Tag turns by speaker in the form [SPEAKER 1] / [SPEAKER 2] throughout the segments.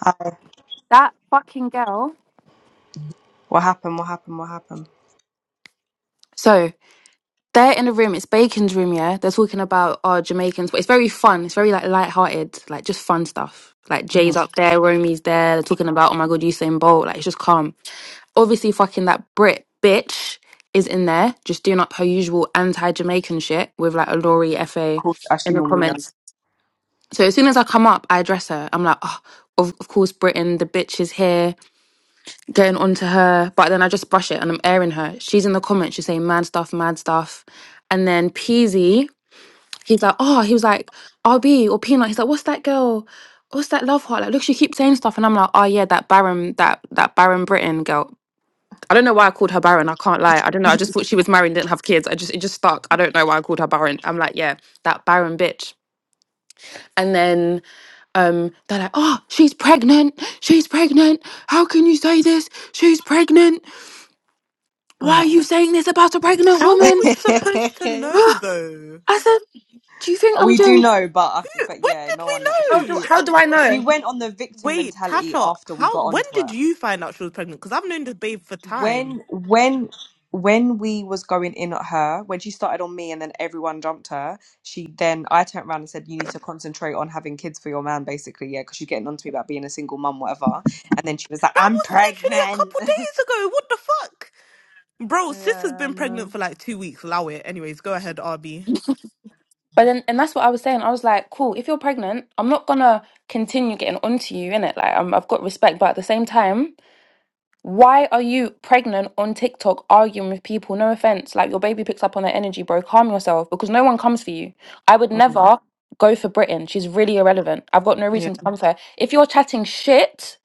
[SPEAKER 1] Hi.
[SPEAKER 2] That fucking girl.
[SPEAKER 1] What happened? What happened? What happened?
[SPEAKER 2] So they're in the room. It's Bacon's room. Yeah, they're talking about our Jamaicans, but it's very fun. It's very like light-hearted, like just fun stuff. Like
[SPEAKER 1] hmm
[SPEAKER 2] Jay's
[SPEAKER 1] Of
[SPEAKER 2] up there, Romy's there. They're talking about oh my god, Usain Bolt. Like it's just calm. Obviously, fucking that Brit bitch is in there, just doing up her usual anti-Jamaican shit with like a Laurie Fa
[SPEAKER 1] course, as she
[SPEAKER 2] in the
[SPEAKER 1] normally does.
[SPEAKER 2] comments. So as soon as I come up, I address her. I'm like, oh, of, of course, Britain, the bitch is here going on to her, but then I just brush it and I'm airing her. She's in the comments, she's saying mad stuff, mad stuff. And then Peasy, he's like, oh, he was like, RB or Peanut. He's like, what's that girl? What's that love heart? Like, look, she keeps saying stuff. And I'm like, oh yeah, that Baron, that that Baron Britain girl. I don't know why I called her Baron. I can't lie. I don't know. I just thought she was married and didn't have kids. I just it just stuck. I don't know why I called her Baron. I'm like, yeah, that Baron bitch. And then um, they're like, oh, she's pregnant. She's pregnant. How can you say this? She's pregnant why
[SPEAKER 1] No.
[SPEAKER 2] are you saying this about a pregnant
[SPEAKER 3] How were
[SPEAKER 2] woman?
[SPEAKER 3] we supposed to know though?
[SPEAKER 2] I said, do you think I'm
[SPEAKER 1] we do
[SPEAKER 2] doing?
[SPEAKER 1] know, but I f but
[SPEAKER 3] When
[SPEAKER 1] yeah,
[SPEAKER 3] did
[SPEAKER 1] no
[SPEAKER 3] we
[SPEAKER 1] one knows.
[SPEAKER 2] How
[SPEAKER 1] She
[SPEAKER 2] do how do
[SPEAKER 3] know?
[SPEAKER 2] I
[SPEAKER 1] she
[SPEAKER 2] know?
[SPEAKER 1] went on the victim
[SPEAKER 3] Wait,
[SPEAKER 1] mentality
[SPEAKER 3] Tasha,
[SPEAKER 1] after we
[SPEAKER 3] how
[SPEAKER 1] got
[SPEAKER 3] when
[SPEAKER 1] onto
[SPEAKER 3] did
[SPEAKER 1] her.
[SPEAKER 3] you find out she was pregnant? Because I've known this babe for time.
[SPEAKER 1] When when when we was going in at her, when she started on me, and then everyone jumped her. She then I turned around and said, "You need to concentrate on having kids for your man, basically, yeah, because you're getting onto me about being a single mum, whatever." And then she was like,
[SPEAKER 3] That
[SPEAKER 1] "I'm
[SPEAKER 3] was literally a
[SPEAKER 1] pregnant."
[SPEAKER 3] couple days ago. What the fuck? Bro, sis has
[SPEAKER 1] yeah, I
[SPEAKER 3] been pregnant
[SPEAKER 1] know.
[SPEAKER 3] for like two weeks. Allow it. Anyways, go ahead, RB.
[SPEAKER 2] But then, and that's what I was saying. I was like, cool. If you're pregnant, I'm not gonna continue getting onto you in it. Like, i I've got respect, but at the same time. Why are you pregnant on TikTok arguing with people? No offense, like your baby picks up on their energy, bro. Calm yourself because no one comes for you. I would never go for Britain. She's really irrelevant. I've got no
[SPEAKER 1] Mm.
[SPEAKER 2] reason to come for her. If you're chatting shit,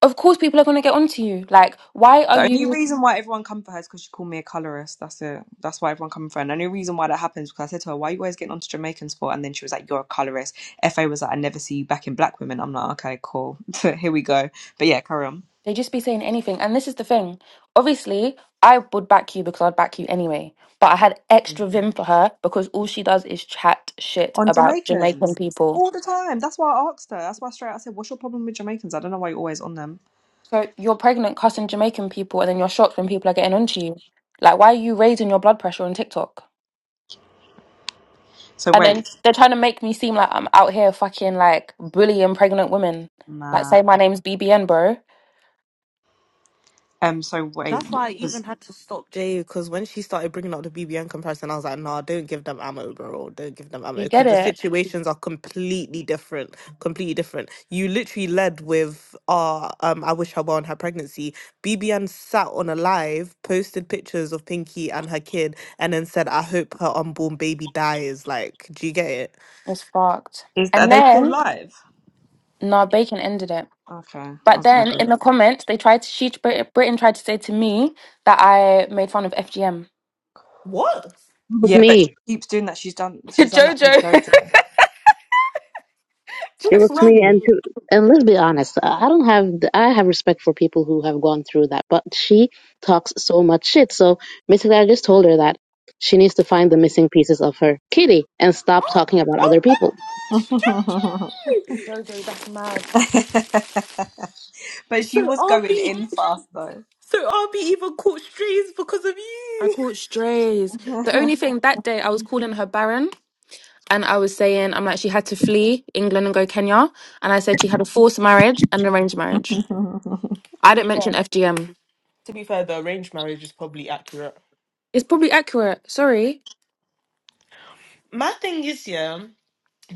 [SPEAKER 2] of course people are going to get onto you. Like, why are
[SPEAKER 1] The only
[SPEAKER 2] you?
[SPEAKER 1] reason why everyone come for her is because she called me a colorist. That's it. That's why everyone come for her. And the only reason why that happens is because I said to her, "Why are you always getting onto Jamaicans for?" And then she was like, "You're a colorist." Fa was like, "I never see you back in black women." I'm like, "Okay, cool. Here we go." But yeah, carry on.
[SPEAKER 2] They just be saying anything. And this is the thing. Obviously, I would back you because I'd back you anyway. But I had
[SPEAKER 1] Yeah.
[SPEAKER 2] extra vim for her because all she does is chat shit
[SPEAKER 1] On
[SPEAKER 2] about Jamaican
[SPEAKER 1] Jamaicans
[SPEAKER 2] people.
[SPEAKER 1] all the time. That's why I asked her. That's why straight I said, "What's your problem with Jamaicans? I don't know why you're always on them."
[SPEAKER 2] So you're pregnant cussing Jamaican people and then you're shocked when people are getting onto you. Like why are you raising your blood pressure on TikTok?
[SPEAKER 1] So
[SPEAKER 2] And then
[SPEAKER 1] wait,
[SPEAKER 2] they're trying to make me seem like I'm out here fucking like bullying pregnant women. Like
[SPEAKER 1] nah.
[SPEAKER 2] say my name's BBN, bro.
[SPEAKER 1] Um. So wait,
[SPEAKER 3] That's why I even had to stop Jay because when she started bringing up the BBN comparison, I was like, nah, don't give them ammo, bro. Don't give them ammo
[SPEAKER 2] You
[SPEAKER 3] because
[SPEAKER 2] get
[SPEAKER 3] the
[SPEAKER 2] it?
[SPEAKER 3] situations are completely different. Completely different. You literally led with, uh, um, I wish her well in her pregnancy. BBN sat on a live, posted pictures of Pinky and her kid, and then said, I hope her unborn baby dies. Like, do you get it?
[SPEAKER 2] It's fucked.
[SPEAKER 1] is are
[SPEAKER 2] And
[SPEAKER 1] they still
[SPEAKER 2] then
[SPEAKER 1] live?
[SPEAKER 2] nah, Bacon ended it.
[SPEAKER 1] Okay, I
[SPEAKER 2] But
[SPEAKER 1] was gonna
[SPEAKER 2] then
[SPEAKER 1] go.
[SPEAKER 2] in
[SPEAKER 1] There.
[SPEAKER 2] the comments, they tried to she Brit- Britain tried to say to me that I made fun of FGM.
[SPEAKER 3] What?
[SPEAKER 4] was
[SPEAKER 1] Yeah, but she
[SPEAKER 4] me.
[SPEAKER 1] keeps doing that. She's done. She's done that to
[SPEAKER 2] Jojo, Jo-
[SPEAKER 4] It
[SPEAKER 3] Since
[SPEAKER 4] was me. And
[SPEAKER 3] when?
[SPEAKER 4] to, and let's be honest, I don't have the- I have respect for people who have gone through that, but she talks so much shit. So basically, I just told her that she needs to find the missing pieces of her kitty and stop talking about
[SPEAKER 3] Oh
[SPEAKER 4] other
[SPEAKER 3] my
[SPEAKER 4] people.
[SPEAKER 1] Jojo.
[SPEAKER 3] gosh, Jay!
[SPEAKER 2] Jojo, that's mad.
[SPEAKER 1] but she
[SPEAKER 3] So
[SPEAKER 1] was going
[SPEAKER 3] RB.
[SPEAKER 1] in fast though.
[SPEAKER 3] So I'll be even caught strays because of
[SPEAKER 2] I
[SPEAKER 3] you.
[SPEAKER 2] caught strays. The only thing that day I was calling her Baron. and I was saying, I'm like, she had to flee England and go Kenya. And I said she had a forced marriage and an arranged marriage. I
[SPEAKER 3] To be
[SPEAKER 2] didn't mention
[SPEAKER 3] fair,
[SPEAKER 2] FGM.
[SPEAKER 3] to be fair, the arranged marriage is probably accurate.
[SPEAKER 2] It's probably accurate. Sorry.
[SPEAKER 3] My thing is, yeah.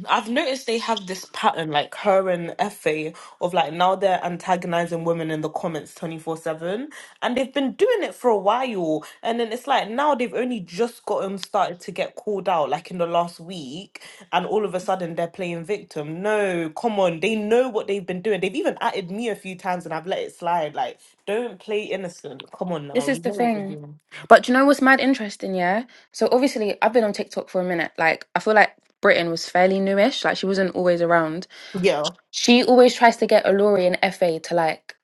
[SPEAKER 3] I've noticed they have this pattern, like her and Effie, of like now they're antagonizing women in the comments 24 7. And they've been doing it for a while. And then it's like now they've only just gotten started to get called out, like in the last week. And all of a sudden they're playing victim. No, come on. They know what they've been doing. They've even added me a few times and I've let it slide. Like, don't play innocent. Come on now.
[SPEAKER 2] This is
[SPEAKER 3] You
[SPEAKER 2] the
[SPEAKER 3] know what they're
[SPEAKER 2] thing.
[SPEAKER 3] doing.
[SPEAKER 2] But do you know what's mad interesting, yeah? So obviously, I've been on TikTok for a minute. Like, I feel like Britain was fairly newish. Like, she wasn't always around.
[SPEAKER 3] Yeah.
[SPEAKER 2] She always tries to get Alori and FA to, like,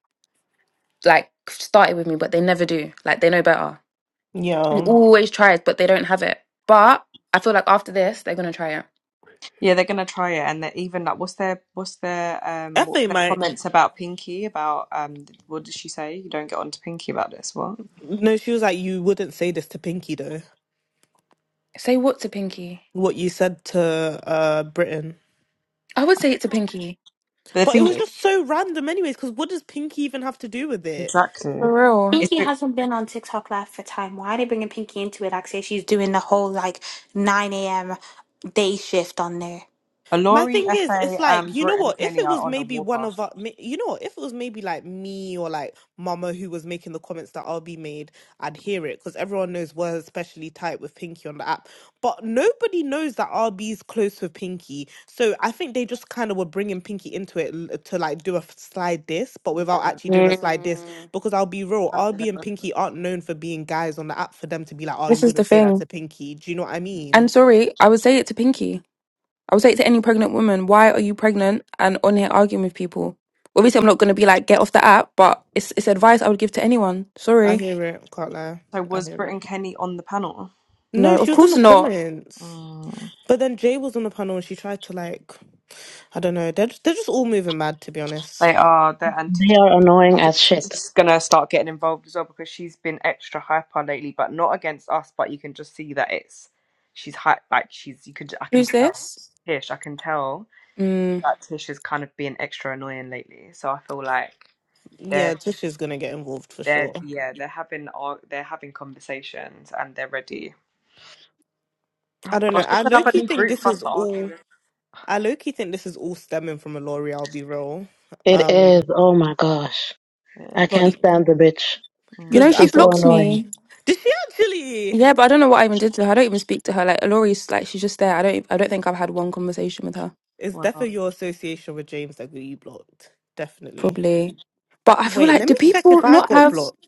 [SPEAKER 2] like start it with me, but they never do. Like, they know better. She
[SPEAKER 3] Yeah.
[SPEAKER 2] always tries, but they don't have it. But I feel like after this, they're going to try it.
[SPEAKER 1] yeah, they're gonna try it, and they're even like, what's their what's their um what's
[SPEAKER 3] Effie
[SPEAKER 1] their
[SPEAKER 3] might.
[SPEAKER 1] comments about Pinky about um what did she say? You don't get on to Pinky about this, what?
[SPEAKER 3] No, she was like, you wouldn't say this to Pinky though.
[SPEAKER 2] Say what to Pinky?
[SPEAKER 3] what you said to uh Britain.
[SPEAKER 2] I would say it's a pinky.
[SPEAKER 1] But the
[SPEAKER 3] But it
[SPEAKER 1] thing
[SPEAKER 3] was
[SPEAKER 1] is,
[SPEAKER 3] just so random anyways, because what does Pinky even have to do with it?
[SPEAKER 1] exactly,
[SPEAKER 2] For real.
[SPEAKER 1] It's
[SPEAKER 5] Pinky
[SPEAKER 1] has been-
[SPEAKER 5] hasn't been on TikTok Live for time. Why are they bringing Pinky into it? Like, say she's doing the whole like 9 a.m. day shift on there.
[SPEAKER 3] My
[SPEAKER 1] Laurie,
[SPEAKER 3] thing is,
[SPEAKER 1] FA,
[SPEAKER 3] it's like,
[SPEAKER 1] and
[SPEAKER 3] you know
[SPEAKER 1] Britt and
[SPEAKER 3] what? If
[SPEAKER 1] Kenny
[SPEAKER 3] it
[SPEAKER 1] are
[SPEAKER 3] was
[SPEAKER 1] on a
[SPEAKER 3] maybe one of
[SPEAKER 1] warpath.
[SPEAKER 3] our, ma- you know what? If it was maybe like me or like Mama who was making the comments that RB made, I'd hear it because everyone knows we're especially tight with Pinky on the app. But nobody knows that RB's close with Pinky. So I think they just kind of were bringing Pinky into it l- to like do a f- slide this, but
[SPEAKER 1] Yeah,
[SPEAKER 3] without actually doing a slide this.
[SPEAKER 2] Mm.
[SPEAKER 3] Because I'll be real,
[SPEAKER 1] passive
[SPEAKER 3] RB and
[SPEAKER 1] aggressive.
[SPEAKER 3] Pinky aren't known for being guys on the app for them to be like, oh, you
[SPEAKER 2] This is the
[SPEAKER 3] wouldn't say that to
[SPEAKER 2] thing.
[SPEAKER 3] Pinky. Do you know what I
[SPEAKER 2] And
[SPEAKER 3] mean?
[SPEAKER 2] sorry, I would say it to pinky. I would say it to any pregnant woman. Why are you pregnant and on here arguing with people? Obviously, I'm not going to be like, get off the app, but it's, it's advice I would give to anyone.
[SPEAKER 3] I
[SPEAKER 2] Sorry.
[SPEAKER 3] hear it. Can't lie.
[SPEAKER 1] so
[SPEAKER 3] I
[SPEAKER 1] was
[SPEAKER 3] hear
[SPEAKER 1] Britt
[SPEAKER 3] it.
[SPEAKER 1] and Kenny on the panel?
[SPEAKER 3] No,
[SPEAKER 2] No, of
[SPEAKER 3] she was in
[SPEAKER 2] course
[SPEAKER 3] the
[SPEAKER 2] not.
[SPEAKER 3] comments.
[SPEAKER 1] Mm.
[SPEAKER 3] But then Jay was on the panel and she tried to like, I don't know. They're just, they're just all moving mad to be
[SPEAKER 1] They
[SPEAKER 3] honest.
[SPEAKER 1] are. They're anti.
[SPEAKER 4] They are
[SPEAKER 1] I
[SPEAKER 4] annoying
[SPEAKER 1] think
[SPEAKER 4] as shit.
[SPEAKER 1] Tisha's gonna start getting involved as well because she's been extra hyper lately, but not against us. But you can just see that it's she's hype, like she's you could I can
[SPEAKER 2] Who's
[SPEAKER 1] tell
[SPEAKER 2] this?
[SPEAKER 1] Tish, I can tell
[SPEAKER 2] Mm.
[SPEAKER 1] that Tish is kind of being extra annoying lately. So I feel like
[SPEAKER 3] Yeah,
[SPEAKER 1] they're
[SPEAKER 3] Tish is gonna get involved for
[SPEAKER 1] they're
[SPEAKER 3] sure.
[SPEAKER 1] yeah they're having ar- they're having conversations and they're ready.
[SPEAKER 3] I don't
[SPEAKER 1] Well,
[SPEAKER 3] know.
[SPEAKER 1] it's
[SPEAKER 3] I
[SPEAKER 1] just
[SPEAKER 3] low
[SPEAKER 1] another
[SPEAKER 3] key
[SPEAKER 1] new
[SPEAKER 3] think
[SPEAKER 1] group
[SPEAKER 3] this
[SPEAKER 1] for us
[SPEAKER 3] is
[SPEAKER 1] to argue
[SPEAKER 3] all. I low key think this is all stemming from a L'Oreal. I'll be real.
[SPEAKER 1] with.
[SPEAKER 4] It is.
[SPEAKER 3] Um,
[SPEAKER 4] Oh my gosh, I
[SPEAKER 1] Yeah.
[SPEAKER 3] but
[SPEAKER 4] can't stand the bitch.
[SPEAKER 2] You
[SPEAKER 3] because
[SPEAKER 1] Mm,
[SPEAKER 2] know, she
[SPEAKER 3] I
[SPEAKER 4] She's so
[SPEAKER 3] thought,
[SPEAKER 2] blocked
[SPEAKER 4] annoying.
[SPEAKER 2] me.
[SPEAKER 3] did she actually?
[SPEAKER 2] Yeah, but I don't know what I even did to her. I don't even speak to her. Like, Laurie's like, she's just there. I don't, I don't think I've had one conversation with her.
[SPEAKER 3] It's
[SPEAKER 1] wow.
[SPEAKER 3] definitely your association with James that got you blocked. Definitely.
[SPEAKER 2] Probably. But I feel
[SPEAKER 3] Wait,
[SPEAKER 2] like
[SPEAKER 3] let me
[SPEAKER 2] do
[SPEAKER 3] check
[SPEAKER 2] people
[SPEAKER 3] if I
[SPEAKER 2] not
[SPEAKER 3] got
[SPEAKER 2] have
[SPEAKER 3] blocked.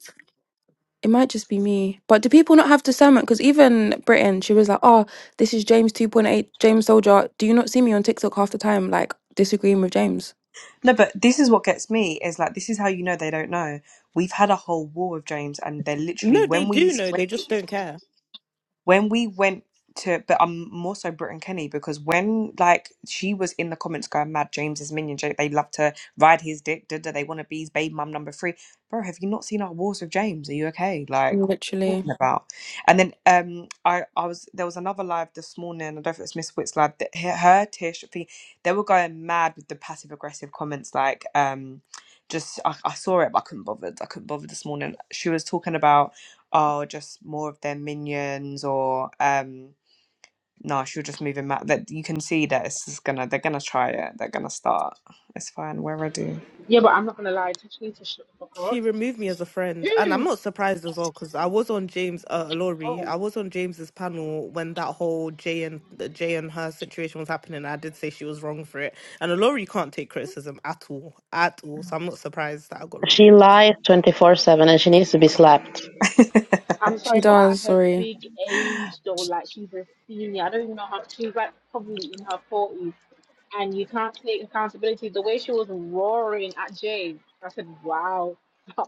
[SPEAKER 2] it might just be me, but do people not have discernment? Because even Britain, she was like, Oh, this is James 2.8, James Soldier. Do you not see me on TikTok half the time, like disagreeing with James?
[SPEAKER 1] No, but this is what gets me is like this is how you know they don't know. We've had a whole war with James, and they're literally
[SPEAKER 3] No, they
[SPEAKER 1] when we
[SPEAKER 3] do
[SPEAKER 1] when
[SPEAKER 3] know. They just don't care.
[SPEAKER 1] when we went to but I'm more so Brit and Kenny because when like she was in the comments going mad James is minion Jake they love to ride his dick da, da, they want to be his baby mum number three bro have you not seen our wars with James are you okay like what are you
[SPEAKER 2] Literally.
[SPEAKER 1] talking about and then um I I was there was another live this morning I don't know if it's Miss Witt's live that her, her Tish I think they were going mad with the passive aggressive comments like um just I, I saw it but I couldn't bother I couldn't bother this morning she was talking about oh, just more of their minions or um no, she'll just move him out. That you can see that it's is gonna they're gonna try it. They're gonna start. It's fine, we're ready.
[SPEAKER 6] Yeah, but I'm not gonna lie, Tachinita shut the fuck
[SPEAKER 3] She
[SPEAKER 6] up.
[SPEAKER 3] removed me as a friend, and I'm not surprised as well because I was on James uh,
[SPEAKER 6] Hmm.
[SPEAKER 3] Laurie.
[SPEAKER 6] Oh,
[SPEAKER 3] I was on James's panel when that whole Jay and the Jay and her situation was happening. I did say she was wrong for it, and Laurie can't take criticism at all, at all. So I'm not surprised that I got
[SPEAKER 4] She
[SPEAKER 3] removed.
[SPEAKER 4] lies twenty four seven, and she needs to be slapped.
[SPEAKER 6] I'm
[SPEAKER 2] She
[SPEAKER 6] sorry, but at
[SPEAKER 2] does,
[SPEAKER 6] her
[SPEAKER 2] sorry.
[SPEAKER 6] big age though, like she's a senior. I don't even know how she's like probably in her forties, and you can't take accountability. The way she was roaring at Jay, I said, "Wow."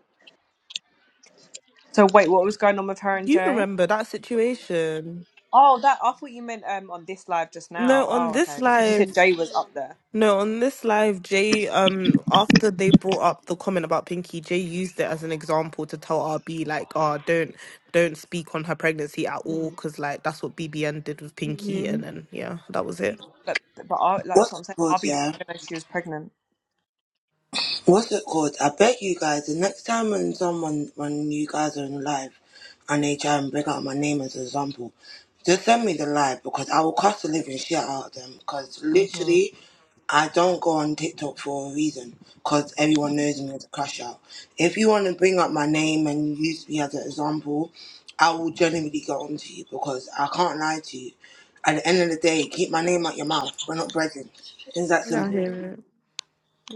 [SPEAKER 1] so wait, what was going on with her and
[SPEAKER 3] You
[SPEAKER 1] Jay?
[SPEAKER 3] remember that situation?
[SPEAKER 1] Oh, that I thought you meant um on this live just now.
[SPEAKER 3] No,
[SPEAKER 1] Oh,
[SPEAKER 3] on this
[SPEAKER 1] okay, because you said
[SPEAKER 3] live,
[SPEAKER 1] Jay was up there,
[SPEAKER 3] no, on this live, Jay, um, after they brought up the comment about Pinky, Jay used it as an example to tell RB like, oh, don't, don't speak on her pregnancy at all, because like that's what BBN did with Pinky,
[SPEAKER 6] hmm
[SPEAKER 3] and then yeah, that was it.
[SPEAKER 1] but but I, like, that's what
[SPEAKER 7] What's
[SPEAKER 1] I'm
[SPEAKER 7] it
[SPEAKER 1] saying. I'll
[SPEAKER 7] called?
[SPEAKER 1] be didn't
[SPEAKER 7] Yeah.
[SPEAKER 1] even know she was pregnant.
[SPEAKER 7] What's it called? I beg you guys, the next time when someone, when you guys are in live and they try and bring out my name as an example, just send me the live because I will cuss the living shit out of them because
[SPEAKER 1] Mm-hmm.
[SPEAKER 7] literally I don't go on TikTok for a reason because everyone knows me as a crash out. If you want to bring up my name and use me as an example, I will genuinely go on to you because I can't lie to you. At the end of the day, keep my name out your mouth. We're not brethren. It's that
[SPEAKER 3] Yeah, I
[SPEAKER 7] simple.
[SPEAKER 3] hear it.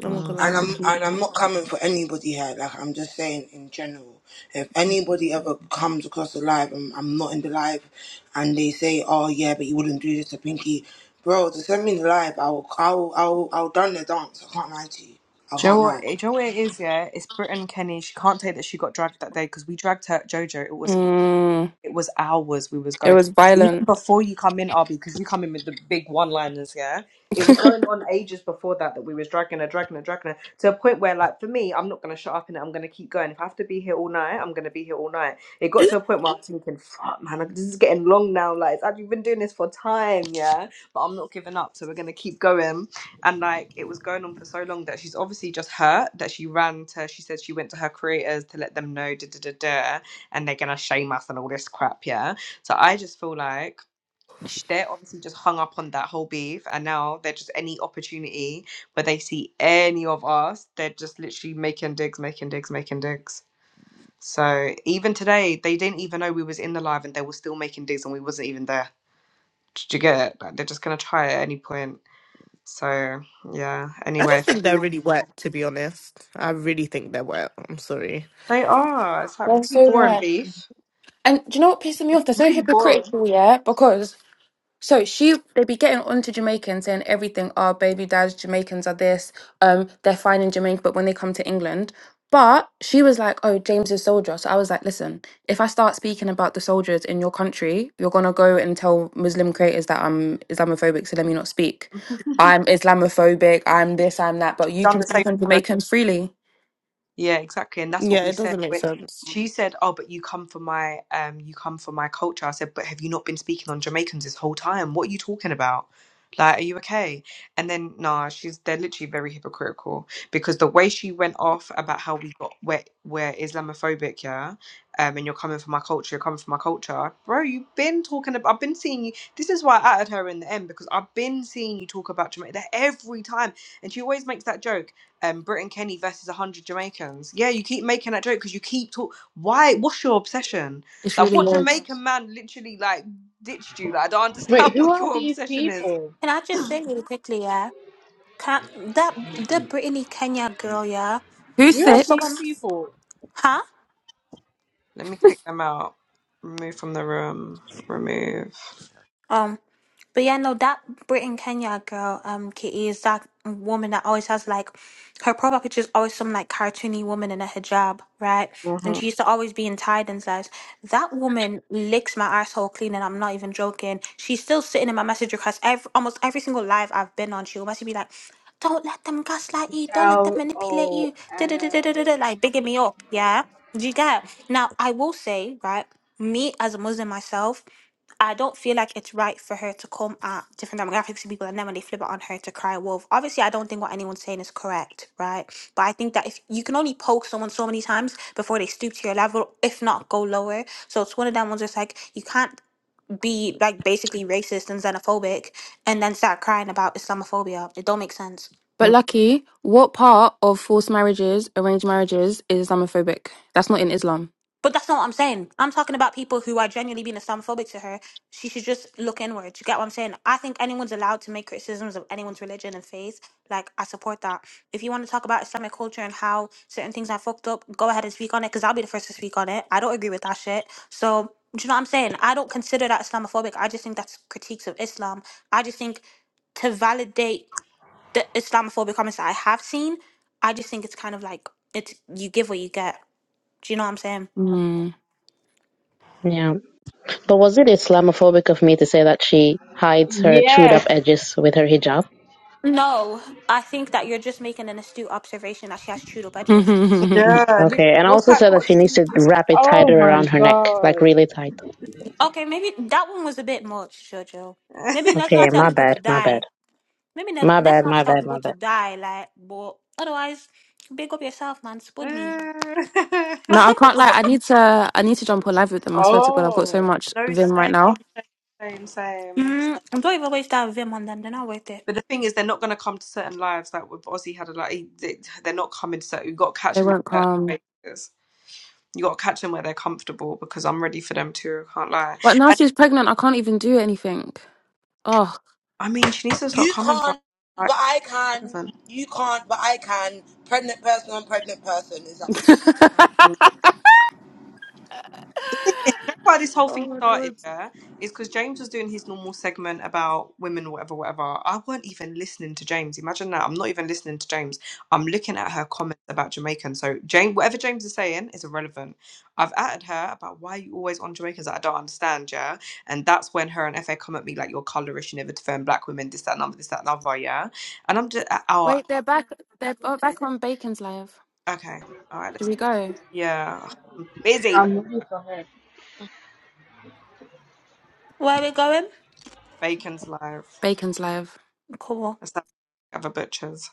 [SPEAKER 3] I'm not gonna lie, I
[SPEAKER 7] And I'm
[SPEAKER 3] completely.
[SPEAKER 7] and I'm not coming for anybody here. Like I'm just saying in general, if anybody ever comes across a live and I'm not in the live, and they say, "Oh yeah, but you wouldn't do this to Pinky," bro, to send me in the live, I'll I'll I'll I'll done the dance. I can't lie to you. I
[SPEAKER 1] Joe,
[SPEAKER 7] can't lie.
[SPEAKER 1] what, Joe, what it is, yeah, it's Brit and Kenny. She can't take that she got dragged that day because we dragged her, Jojo. It was
[SPEAKER 2] Mm.
[SPEAKER 1] It was hours we was
[SPEAKER 2] It
[SPEAKER 1] going.
[SPEAKER 2] was
[SPEAKER 1] Even
[SPEAKER 2] violent.
[SPEAKER 1] before you come in, Arby, because you come in with the big one-liners, yeah? It was going on ages before that that we was dragging her, dragging her, dragging her, to a point where, like, for me, I'm not going to shut up and I'm going to keep going. If I have to be here all night, I'm going to be here all night. It got to a point where I'm thinking, fuck, man, like, this is getting long now. Like, it's- I've been doing this for time, yeah? But I'm not giving up, so we're going to keep going. And, like, it was going on for so long that she's obviously just hurt that she ran to, she said she went to her creators to let them know, da da da da and they're gonna shame us and all this crap, yeah. So I just feel like sh- they're obviously just hung up on that whole beef, and now they're just any opportunity where they see any of us, they're just literally making digs, making digs, making digs. So even today, they didn't even know we was in the live, and they were still making digs, and we wasn't even there. Did you get it? Like, they're just gonna try at any point. So yeah.
[SPEAKER 3] I
[SPEAKER 1] Anyway,
[SPEAKER 3] just
[SPEAKER 1] if
[SPEAKER 3] think they're
[SPEAKER 1] anyone,
[SPEAKER 3] really wet, to be honest. I really think they're wet. I'm sorry.
[SPEAKER 1] they are. It's like
[SPEAKER 2] They're
[SPEAKER 1] really
[SPEAKER 2] so
[SPEAKER 1] boring
[SPEAKER 2] bad.
[SPEAKER 1] beef.
[SPEAKER 2] And do you know what pisses me off? They're so
[SPEAKER 1] Really boring.
[SPEAKER 2] hypocritical, yeah? Because so she they be getting onto Jamaicans saying everything, oh baby dads, Jamaicans are this, um, they're fine in Jamaica, but when they come to England. But she was like, Oh, James is soldier. So I was like, listen, if I start speaking about the soldiers in your country, you're gonna go and tell Muslim creators that I'm Islamophobic, so let me not speak.
[SPEAKER 1] You've
[SPEAKER 2] I'm Islamophobic, I'm this, I'm that, but you
[SPEAKER 1] done
[SPEAKER 2] can
[SPEAKER 1] the same.
[SPEAKER 2] speak on Jamaicans freely.
[SPEAKER 1] Yeah, exactly. And that's what
[SPEAKER 3] Yeah,
[SPEAKER 1] we
[SPEAKER 3] it
[SPEAKER 1] said.
[SPEAKER 3] doesn't make
[SPEAKER 1] when-
[SPEAKER 3] sense.
[SPEAKER 1] She said, Oh, but you come from my um you come from my culture. I said, But have you not been speaking on Jamaicans this whole time? What are you talking about? Like, are you okay? And then nah, she's they're literally very hypocritical because the way she went off about how we got we're, we're Islamophobic, yeah, um, and you're coming from my culture, you're coming from my culture, bro. You've been talking about. I've been seeing you. This is why I added her in the end because I've been seeing you talk about Jamaica every time, and she always makes that joke um, Britain Kenny versus 100 Jamaicans. Yeah, you keep making that joke because you keep talk. Why? What's your obsession?
[SPEAKER 2] It's
[SPEAKER 1] Like,
[SPEAKER 2] really
[SPEAKER 1] what
[SPEAKER 2] weird.
[SPEAKER 1] Jamaican man literally like ditched you? Like, I don't understand
[SPEAKER 6] Wait, who
[SPEAKER 1] what
[SPEAKER 6] are
[SPEAKER 1] your
[SPEAKER 6] these
[SPEAKER 1] obsession is.
[SPEAKER 6] people?
[SPEAKER 5] Can I just say really quickly, yeah? Can that that Brittany Kenya girl, yeah?
[SPEAKER 2] Who's
[SPEAKER 6] Who
[SPEAKER 5] Like
[SPEAKER 6] are these
[SPEAKER 2] six?
[SPEAKER 5] someone,
[SPEAKER 6] people?
[SPEAKER 5] huh?
[SPEAKER 1] Let me kick them out. Remove from the room. Remove.
[SPEAKER 5] Um, but yeah, no, that Britain Kenya girl, um, Kitty is that woman that always has like her profile picture is always some like cartoony woman in a hijab, right? And
[SPEAKER 1] Mhm.
[SPEAKER 5] she used to always be in tied and says that woman licks my asshole clean, and I'm not even joking. She's still sitting in my message request every almost every single live I've been on. She'll message me like. Don't let them gaslight you. Don't let them
[SPEAKER 6] L
[SPEAKER 5] manipulate
[SPEAKER 6] O
[SPEAKER 5] you. Da, da, da, da, da, da,
[SPEAKER 6] L.
[SPEAKER 5] da," like bigging me up. Yeah. Do you get? Now, I will say, right, me as a Muslim myself, I don't feel like it's right for her to come at different demographics of people and then when they flip it on her to cry wolf. Obviously, I don't think what anyone's saying is correct, right? But I think that if you can only poke someone so many times before they stoop to your level, if not go lower. So it's one of them ones where it's like you can't be like basically racist and xenophobic and then start crying about Islamophobia. It don't make sense.
[SPEAKER 2] But Lucky, what part of forced marriages, arranged marriages, is Islamophobic? That's not in Islam.
[SPEAKER 5] But that's not what I'm saying. I'm talking about people who are genuinely being Islamophobic to her. She should just look inward. You get what I'm saying? I think anyone's allowed to make criticisms of anyone's religion and faith. Like, I support that. If you want to talk about Islamic culture and how certain things are fucked up, go ahead and speak on it because I'll be the first to speak on it. I don't agree with that shit. So, do you know what I'm saying? I don't consider that Islamophobic. I just think that's critiques of Islam. I just think to validate the Islamophobic comments that I have seen, I just think it's kind of like it's you give what you get. Do you know what I'm saying?
[SPEAKER 2] Mm.
[SPEAKER 4] Yeah, but was it Islamophobic of me to say that she hides her chewed up
[SPEAKER 6] Yes.
[SPEAKER 4] edges with her hijab?
[SPEAKER 5] No, I think that you're just making an astute observation that she has chewed up
[SPEAKER 2] no,
[SPEAKER 5] edges.
[SPEAKER 1] Yeah. lit-
[SPEAKER 4] Okay, and I
[SPEAKER 1] What's
[SPEAKER 4] also
[SPEAKER 1] that
[SPEAKER 4] said that
[SPEAKER 1] got
[SPEAKER 4] she
[SPEAKER 1] to do
[SPEAKER 4] needs
[SPEAKER 1] with
[SPEAKER 4] to
[SPEAKER 1] this?
[SPEAKER 4] wrap it
[SPEAKER 6] Oh
[SPEAKER 4] tighter
[SPEAKER 6] my
[SPEAKER 4] around her neck, like
[SPEAKER 6] God.
[SPEAKER 4] really tight.
[SPEAKER 5] Okay, maybe that one was a bit much, Jojo. Maybe let's not
[SPEAKER 4] Okay,
[SPEAKER 5] tell
[SPEAKER 4] my
[SPEAKER 5] people to
[SPEAKER 4] bad, my
[SPEAKER 5] die.
[SPEAKER 4] bad,
[SPEAKER 5] Maybe not,
[SPEAKER 4] my
[SPEAKER 5] let's
[SPEAKER 4] bad,
[SPEAKER 5] not
[SPEAKER 4] my
[SPEAKER 5] tell
[SPEAKER 4] bad, my
[SPEAKER 5] people
[SPEAKER 4] bad.
[SPEAKER 5] to die, like, but otherwise, big up yourself, man. Spud me.
[SPEAKER 1] no,
[SPEAKER 2] I can't lie. I need to. I need to jump on live with them. I swear to God, I've got so
[SPEAKER 6] Oh,
[SPEAKER 2] much vim right
[SPEAKER 1] same,
[SPEAKER 2] now.
[SPEAKER 1] same, same,
[SPEAKER 5] Mm, don't even waste that vim on them. They're not worth it.
[SPEAKER 1] But the thing is, they're not going to come to certain lives. Like with Ozzy had a like, he- they- they're not coming to certain. You've got to catch
[SPEAKER 2] They
[SPEAKER 1] them in
[SPEAKER 2] won't come.
[SPEAKER 1] certain spaces. You got to catch them where they're comfortable because I'm ready for them too. I can't lie.
[SPEAKER 2] But now
[SPEAKER 1] And
[SPEAKER 2] she's pregnant. I can't even do anything. Oh.
[SPEAKER 1] I mean, she needs to stop
[SPEAKER 7] You
[SPEAKER 1] coming for
[SPEAKER 7] can't,
[SPEAKER 1] like
[SPEAKER 7] but I can.
[SPEAKER 1] relevant.
[SPEAKER 7] You can't, but I can. Pregnant person on pregnant person. is
[SPEAKER 1] You know Why this whole
[SPEAKER 2] oh
[SPEAKER 1] thing
[SPEAKER 2] my
[SPEAKER 1] started,
[SPEAKER 2] God.
[SPEAKER 1] yeah, is because James was doing his normal segment about women, whatever, whatever. I weren't even listening to James. Imagine that. I'm not even listening to James. I'm looking at her comments about Jamaican. So James, whatever James is saying is irrelevant. I've added her about why you always on Jamaicans that I don't understand, yeah. And that's when her and FA come at me like you're colourish, you never defend black women, this, that, and other, this, that, and other, yeah. And I'm just, oh,
[SPEAKER 2] Wait, they're back. They're oh, back on Bacon's live.
[SPEAKER 1] Okay. All right. Let's,
[SPEAKER 2] Should we go?
[SPEAKER 1] yeah. Busy, but
[SPEAKER 6] I'm looking for her.
[SPEAKER 5] Where are we going?
[SPEAKER 1] bacon's live.
[SPEAKER 2] Bacon's live.
[SPEAKER 5] Cool.
[SPEAKER 1] Let's have have a butcher's.